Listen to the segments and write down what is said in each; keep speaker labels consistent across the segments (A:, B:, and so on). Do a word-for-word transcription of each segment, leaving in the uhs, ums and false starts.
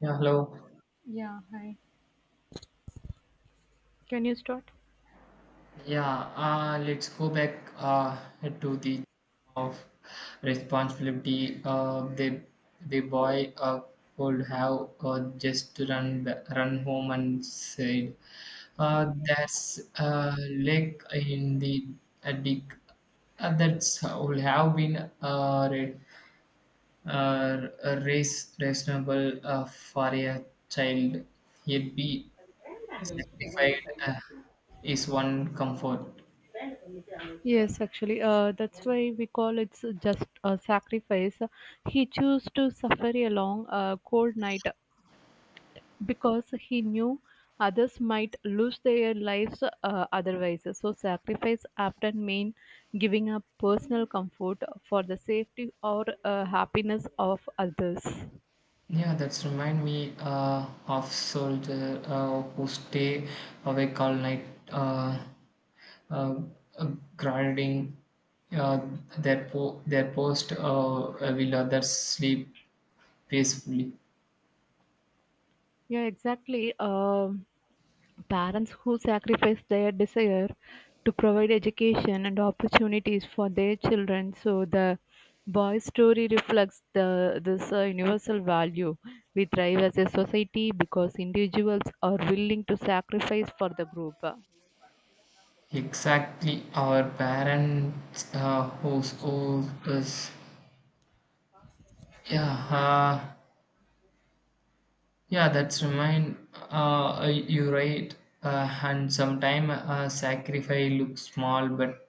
A: Yeah, hello.
B: Yeah, hi. Can you start?
A: Yeah, uh, let's go back uh, to the of responsibility. Uh, the the boy uh, could have uh, just run ba- run home and said, uh, "That's a lake in the uh, dick." Uh, that's uh, would have been a, re- uh, a race reasonable uh, for a child. He'd be satisfied, uh, is one comfort.
B: Yes, actually, uh, that's why we call it's just a sacrifice. He chose to suffer a long, uh, cold night because he knew others might lose their lives uh, otherwise. So, sacrifice often mean giving up personal comfort for the safety or uh, happiness of others.
A: Yeah, that's remind me uh, of soldier uh, who stay awake all night, uh, uh, uh, grinding uh, their po- their post uh, uh, will others sleep peacefully.
B: Yeah, exactly. Um Parents who sacrifice their desire to provide education and opportunities for their children. So the boy's story reflects the this uh, universal value we thrive as a society because individuals are willing to sacrifice for the group.
A: Exactly, our parents uh, who's old us. Yeah, uh, yeah, that's remind. Uh, uh, you right, uh, and sometime uh, sacrifice looks small, but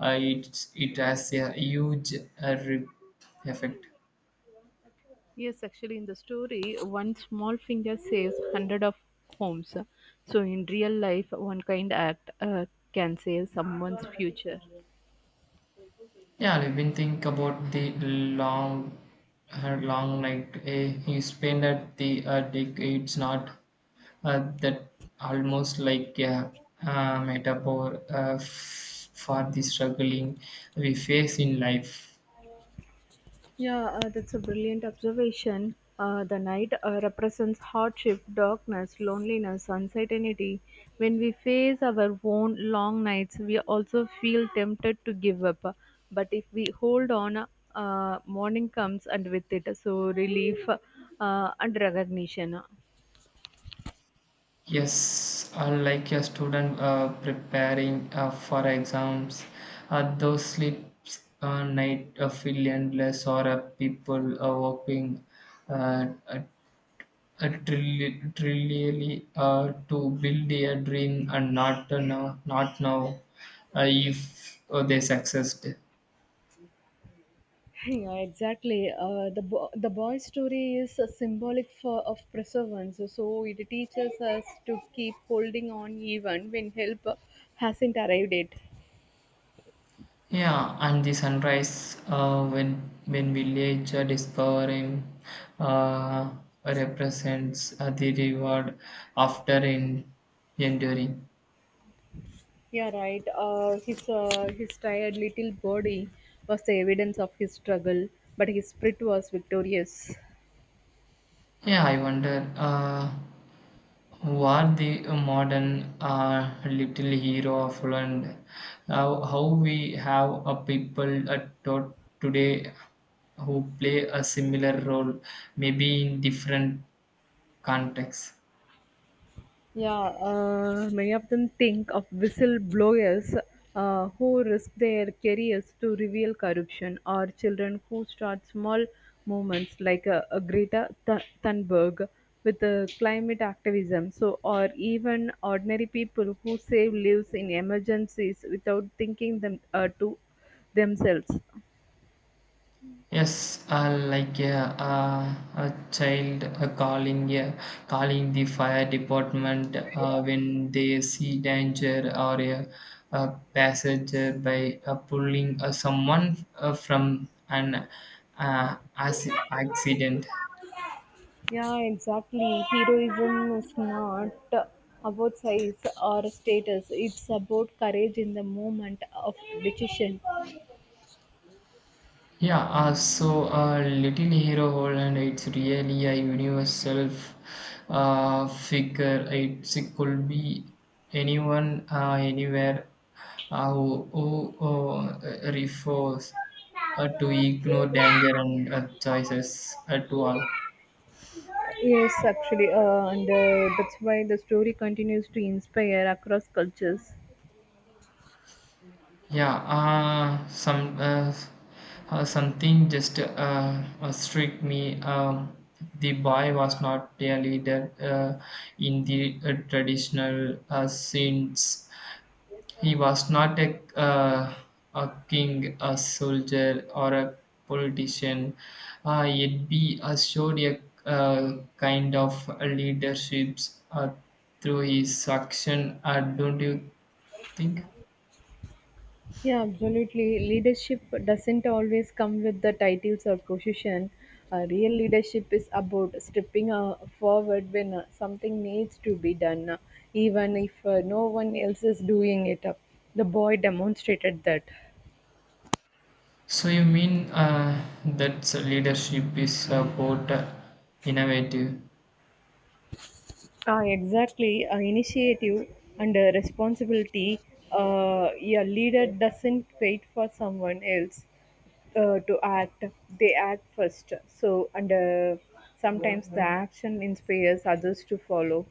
A: uh, it, it has a huge uh, rip effect.
B: Yes, actually, in the story, one small finger saves hundred of homes. So in real life, one kind act uh, can save someone's future.
A: Yeah, I've been think about the long, her long night uh, he spent at the uh, dick. It's not uh, that almost like, yeah, a uh, metaphor uh, f- for the struggling we face in life.
B: Yeah, uh, that's a brilliant observation. Uh, the night uh, represents hardship, darkness, loneliness, uncertainty. When we face our own long nights, we also feel tempted to give up. But if we hold on, uh, morning comes and with it, so relief uh, and recognition.
A: Yes, unlike a student uh, preparing uh, for exams, uh, those sleeps a night uh, feel endless, or uh, people uh, working uh, uh, uh, trilli- trillially uh, to build a dream and not uh, now, not now uh, if uh, they succeed.
B: Yeah, exactly. Uh, the bo- the boy's story is a symbolic for of perseverance. So it teaches us to keep holding on even when help hasn't arrived yet.
A: Yeah, and the sunrise uh, when when village uh, discover him, uh, represents uh, the reward after en- enduring.
B: Yeah, right. Uh, his uh, his tired little body was the evidence of his struggle, but his spirit was victorious.
A: Yeah, I wonder uh, what the modern uh, little hero of Holland, how how we have a people at to- today who play a similar role, maybe in different contexts.
B: Yeah, uh, many of them think of whistleblowers uh, who risk their careers to reveal corruption, or children who start small movements like uh, uh, Greta Th- Thunberg with uh, climate activism. So, or even ordinary people who save lives in emergencies without thinking them uh, to themselves.
A: Yes, uh, like, yeah, uh, a child uh, calling, yeah, calling the fire department uh, when they see danger or a, a passenger by uh, pulling uh, someone uh, from an uh, acci- accident.
B: Yeah, exactly. Heroism is not about size or status, it's about courage in the moment of decision.
A: Yeah, uh, so uh, Little Hero Holland, it's really a universal f- uh, figure. It's, it could be anyone, uh, anywhere uh, who, who uh, refers uh, to ignore danger and uh, choices at all.
B: Yes, actually, uh, and uh, that's why the story continues to inspire across cultures.
A: Yeah, uh, some uh, uh, something just uh, uh, struck me. Um, the boy was not a leader uh, in the uh, traditional uh, sense. He was not a uh, a king, a soldier, or a politician. Uh, yet be showed a uh, kind of leadership uh, through his action. Uh, don't you think?
B: Yeah, absolutely. Leadership doesn't always come with the titles or position. Uh, real leadership is about stepping uh, forward when uh, something needs to be done, uh, even if uh, no one else is doing it. Uh, the boy demonstrated that.
A: So you mean uh, that leadership is about uh, innovative?
B: Ah, exactly. Uh, initiative and uh, responsibility. Uh, a leader doesn't wait for someone else uh, to act. They act first. So, and uh, sometimes the action inspires others to follow.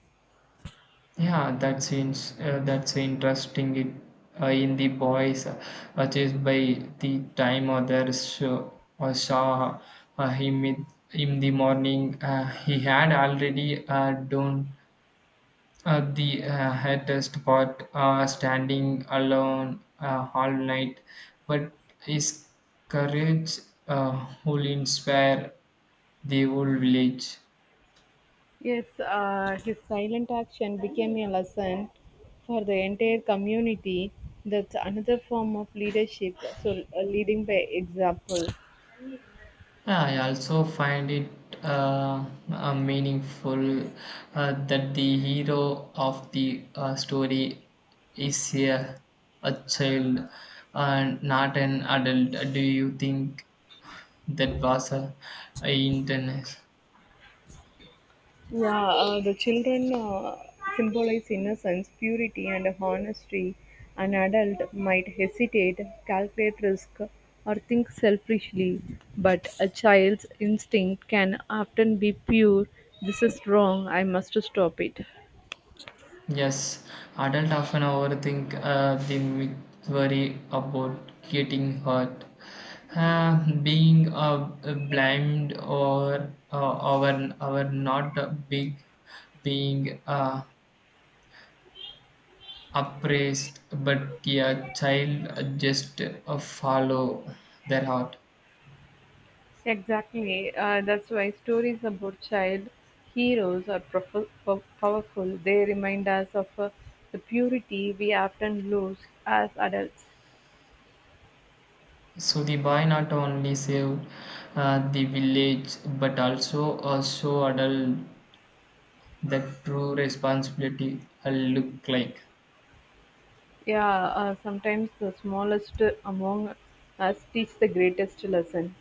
A: Yeah, that seems uh, that's interesting. It uh, in the boys uh, just by the time others show, uh, saw uh, him in, in the morning, uh, he had already uh, done uh, the uh, hardest part, uh, standing alone uh, all night. But his courage uh, will inspire the old village.
B: Yes, uh, his silent action became a lesson for the entire community. That's another form of leadership. So, uh, leading by example.
A: Yeah, I also find it uh, uh, meaningful uh, that the hero of the uh, story is a, a child and not an adult. Do you think that was a, a intense?
B: Yeah, uh, the children uh, symbolize innocence, purity, and honesty. An adult might hesitate, calculate risk, or think selfishly, but a child's instinct can often be pure. This is wrong, I must stop it.
A: Yes, adults often overthink, uh, they may worry about getting hurt, uh, being uh, blamed, or uh, our our not big, being uh, appraised. But, yeah, child uh, just uh, follow their heart.
B: Exactly. Uh, that's why stories about child heroes are prof- po- powerful. They remind us of uh, the purity we often lose as adults.
A: So the boy not only saved uh, the village but also uh, show adult that true responsibility uh, look like.
B: Yeah, uh, sometimes the smallest among us teach the greatest lesson.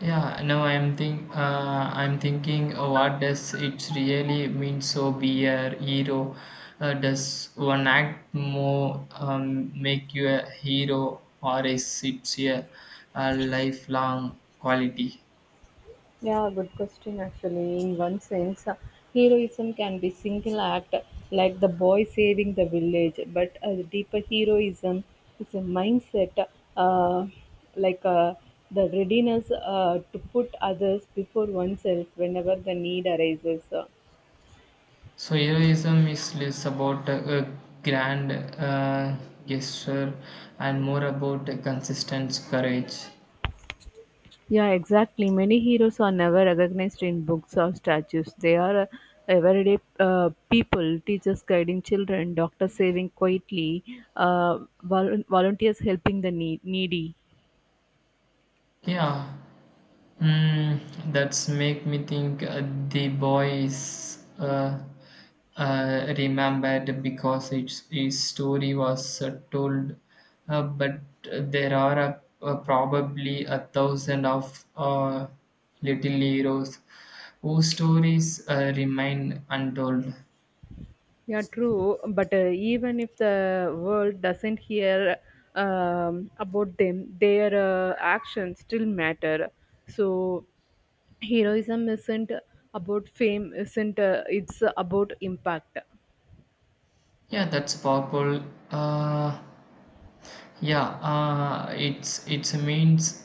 A: Yeah, now I'm think uh, I'm thinking uh, what does it really mean so be a hero? Uh, does one act more um, make you a hero, or is it a, a lifelong quality?
B: Yeah, good question actually. In one sense, uh, heroism can be single act like the boy saving the village, but uh, the deeper heroism is a mindset uh, like uh, the readiness uh, to put others before oneself whenever the need arises.
A: So heroism is less about a, a grand uh, gesture and more about a consistent courage.
B: Yeah, exactly. Many heroes are never recognized in books or statues. They are uh, everyday uh, people, teachers guiding children, doctors saving quietly, uh, vol- volunteers helping the nee- needy.
A: Yeah. Mm, that's make me think uh, the boys is uh, uh, remembered because its his story was uh, told, uh, but uh, there are uh, uh, probably a thousand of uh, little heroes whose stories uh, remain untold.
B: Yeah, true. But uh, even if the world doesn't hear um, about them, their uh, actions still matter. So, heroism isn't about fame, isn't uh, it's about impact.
A: Yeah, that's powerful. Uh, Yeah, uh, it's it's means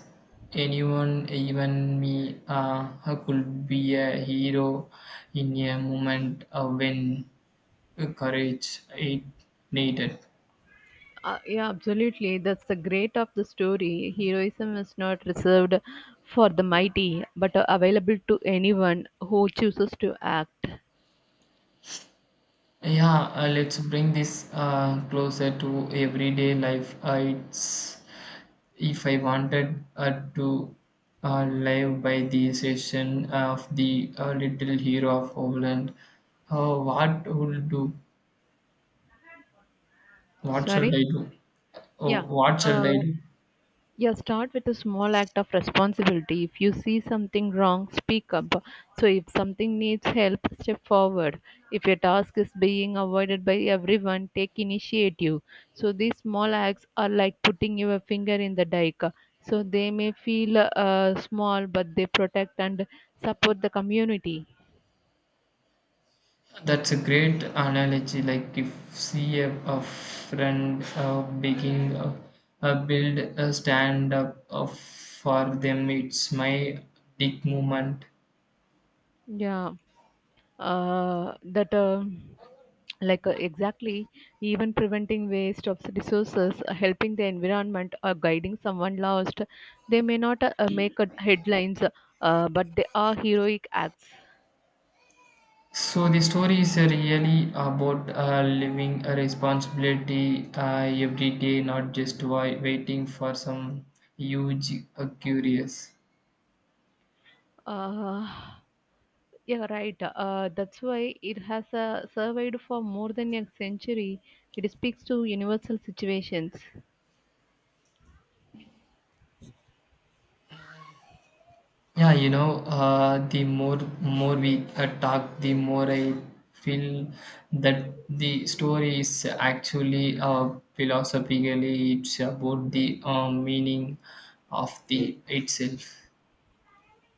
A: anyone, even me, uh, who could be a hero in a moment uh, when courage it needed.
B: Uh, yeah, absolutely. That's the great of the story. Heroism is not reserved for the mighty, but uh, available to anyone who chooses to act.
A: Yeah, uh, let's bring this uh, closer to everyday life. Uh, it's if I wanted uh, to uh, live by the session of the uh, little hero of Overland, uh, what would do? What shall I
B: Sorry?
A: do?
B: Yeah.
A: Oh, what shall I
B: Uh,
A: do?
B: Yeah, start with a small act of responsibility. If you see something wrong, speak up. So, if something needs help, step forward. If a task is being avoided by everyone, take initiative. So, these small acts are like putting your finger in the dike. So, they may feel uh, small, but they protect and support the community.
A: That's a great analogy. Like if see a, a friend uh, begging, uh, uh, build a stand up uh, for them, it's my dick movement.
B: Yeah. uh, that um like uh, Exactly, even preventing waste of resources uh, helping the environment or guiding someone lost. They may not uh, uh, make uh, headlines, uh, but they are heroic acts.
A: So the story is uh, really about uh, living a responsibility uh, every day, not just wai- waiting for some huge uh, curious.
B: uh, yeah right uh, that's why it has uh, survived for more than a century. It speaks to universal situations.
A: Yeah, you know, uh, the more more we uh, talk, the more I feel that the story is actually uh, philosophically it's about the uh, meaning of the itself.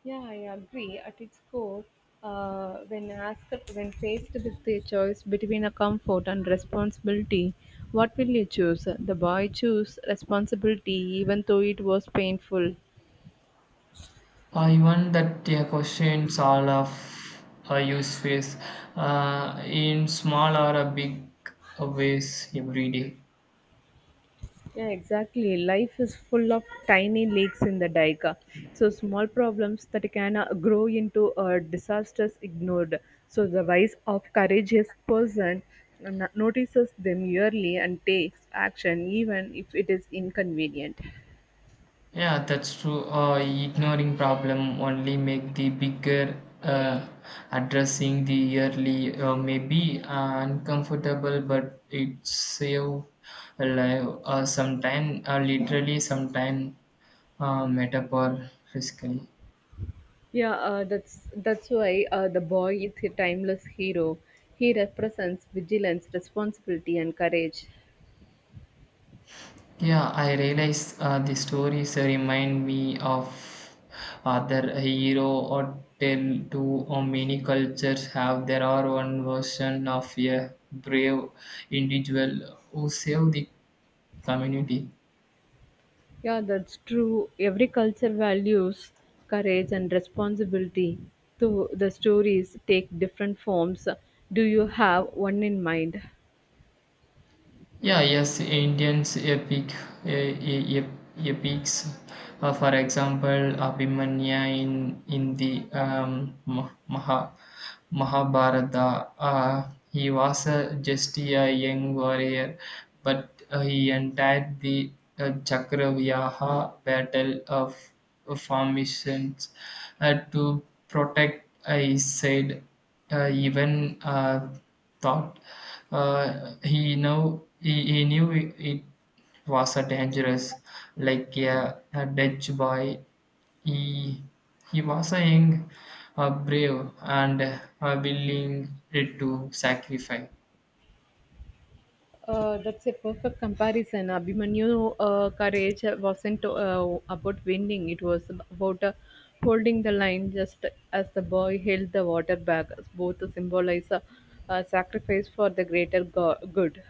B: Yeah, I agree. At its core, uh, when asked, when faced with the choice between a comfort and responsibility, what will you choose? The boy chose responsibility, even though it was painful.
A: Uh, even that the questions all of uh, use face uh, in small or a big ways every day.
B: Yeah, exactly. Life is full of tiny leaks in the dike. So small problems that can uh, grow into uh, disasters ignored. So the wise of courageous person n- notices them yearly and takes action even if it is inconvenient.
A: Yeah, that's true. Uh, ignoring problem only make the bigger. Uh, addressing the early uh, may be uh, uncomfortable, but it save a life. Uh, sometime, uh, literally, sometime, uh, metaphor physically.
B: Yeah, uh, that's that's why uh, the boy is a timeless hero. He represents vigilance, responsibility, and courage.
A: Yeah, I realize uh, the stories remind me of other hero or tale too. Or many cultures have their are one version of a brave individual who saved the community.
B: Yeah, that's true. Every culture values courage and responsibility. So the stories take different forms. Do you have one in mind?
A: Yeah, yes, Indians epic uh, ep- epics. Uh, for example, Abhimanya in in the um, Ma- Maha, Mahabharata. Uh, he was uh, just a young warrior, but uh, he entered the uh, Chakravyuha battle of formations uh, to protect uh, his side. Uh, even uh, thought uh, he know he, he knew it, it was a dangerous, like a, a Dutch boy. He he was a young, uh, brave, and uh, willing to sacrifice.
B: Uh, that's a perfect comparison. Abhimanyu uh, courage wasn't uh, about winning; it was about uh, holding the line. Just as the boy held the water back, both symbolize uh, uh, sacrifice for the greater go- good.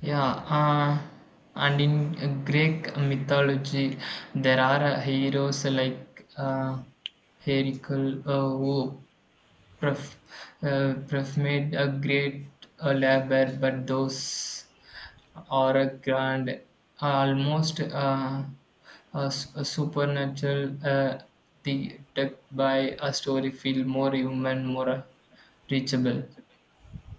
A: Yeah, uh, and in Greek mythology, there are uh, heroes like uh, Heracle uh, who perf- uh, performed a great uh, labor, but those or a grand, almost uh, a, s- a supernatural, uh, the deck by a story feel more human, more uh, reachable.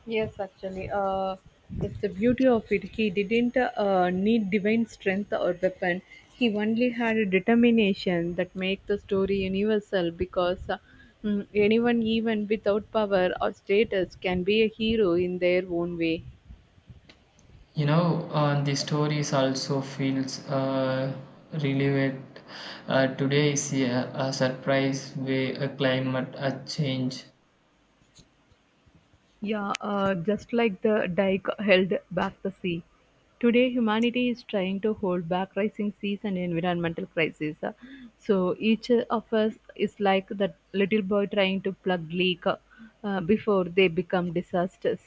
B: Yes, actually, uh, that's the beauty of it. He didn't uh, need divine strength or weapon. He only had a determination that make the story universal because uh, mm, anyone, even without power or status, can be a hero in their own way.
A: You know, uh, the stories also feels uh, relevant. Uh, today is a, a surprise way a climate a change.
B: Yeah, uh, just like the dike held back the sea. Today, humanity is trying to hold back rising seas and environmental crises. So each of us is like that little boy trying to plug leak uh, before they become disasters.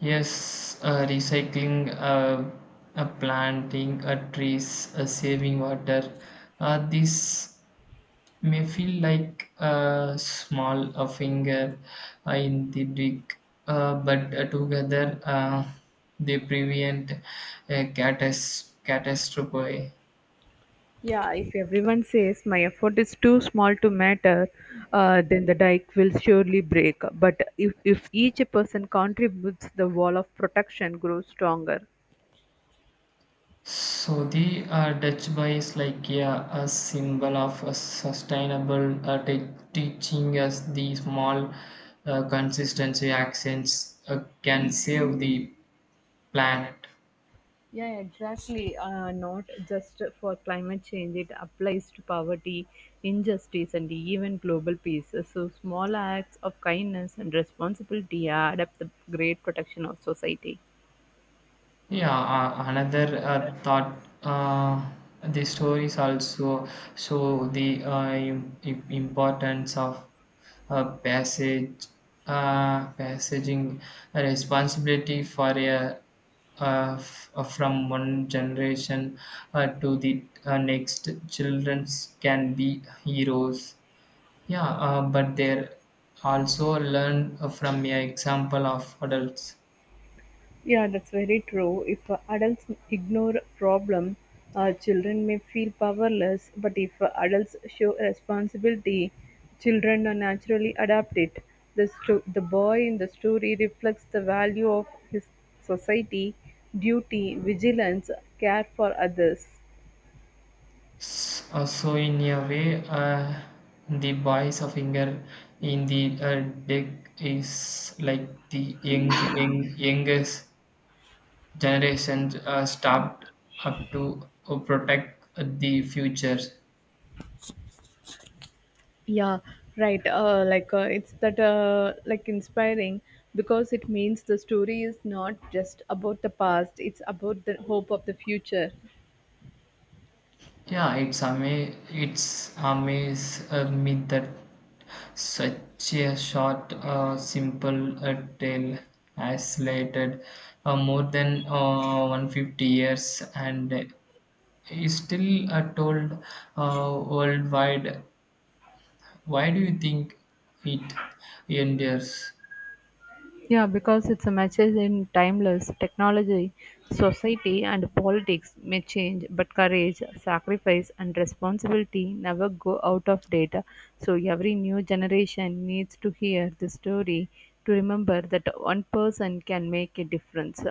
A: Yes, uh, recycling, uh, uh, planting uh, trees, uh, saving water. Uh, these may feel like a small a finger uh, in the dick, uh, but uh, together uh, they prevent a catas- catastrophe.
B: Yeah, if everyone says my effort is too small to matter, uh, then the dike will surely break. But if, if each person contributes, the wall of protection grows stronger.
A: So the uh, Dutch boy is like, yeah, a symbol of a sustainable uh, te- teaching us the small uh, consistency actions uh, can save the planet.
B: Yeah, yeah, exactly. Uh, not just for climate change, it applies to poverty, injustice, and even global peace. So, small acts of kindness and responsibility add up the great protection of society.
A: Yeah, uh, another uh, thought. Uh, the stories also show the uh, im- im- importance of uh, passage, uh, passaging a responsibility for a, uh, f- uh, from one generation uh, to the uh, next. Childrens can be heroes. Yeah, uh, but they also learn uh, from a example of adults.
B: Yeah, that's very true. If uh, adults ignore problem, uh, children may feel powerless. But if uh, adults show responsibility, children uh, naturally adapt it. The, sto- the boy in the story reflects the value of his society, duty, vigilance, care for others.
A: S- uh, so in a way, uh, the boy's finger in the uh, deck is like the young, young, youngest generation uh, stopped up to uh, protect the future.
B: Yeah, right. Uh, like uh, it's that uh, like inspiring because it means the story is not just about the past; it's about the hope of the future.
A: Yeah, it's ama- it's amaze uh, me that such a short, uh, simple uh, tale has lasted uh, more than uh, a hundred fifty years and is still uh, told uh, worldwide. Why do you think it endures?
B: Yeah, because it's a message in timeless technology, society and politics may change, but courage, sacrifice and responsibility never go out of date. So every new generation needs to hear this story to remember that one person can make a difference.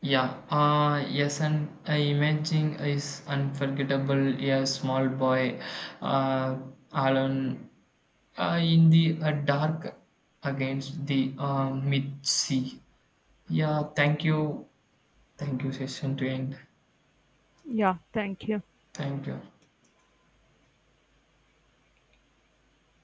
A: Yeah, uh, yes, and uh, imaging is unforgettable. A small boy uh, alone uh, in the uh, dark against the uh, mid sea. Yeah, thank you. Thank you, session to end.
B: Yeah, thank you.
A: Thank you.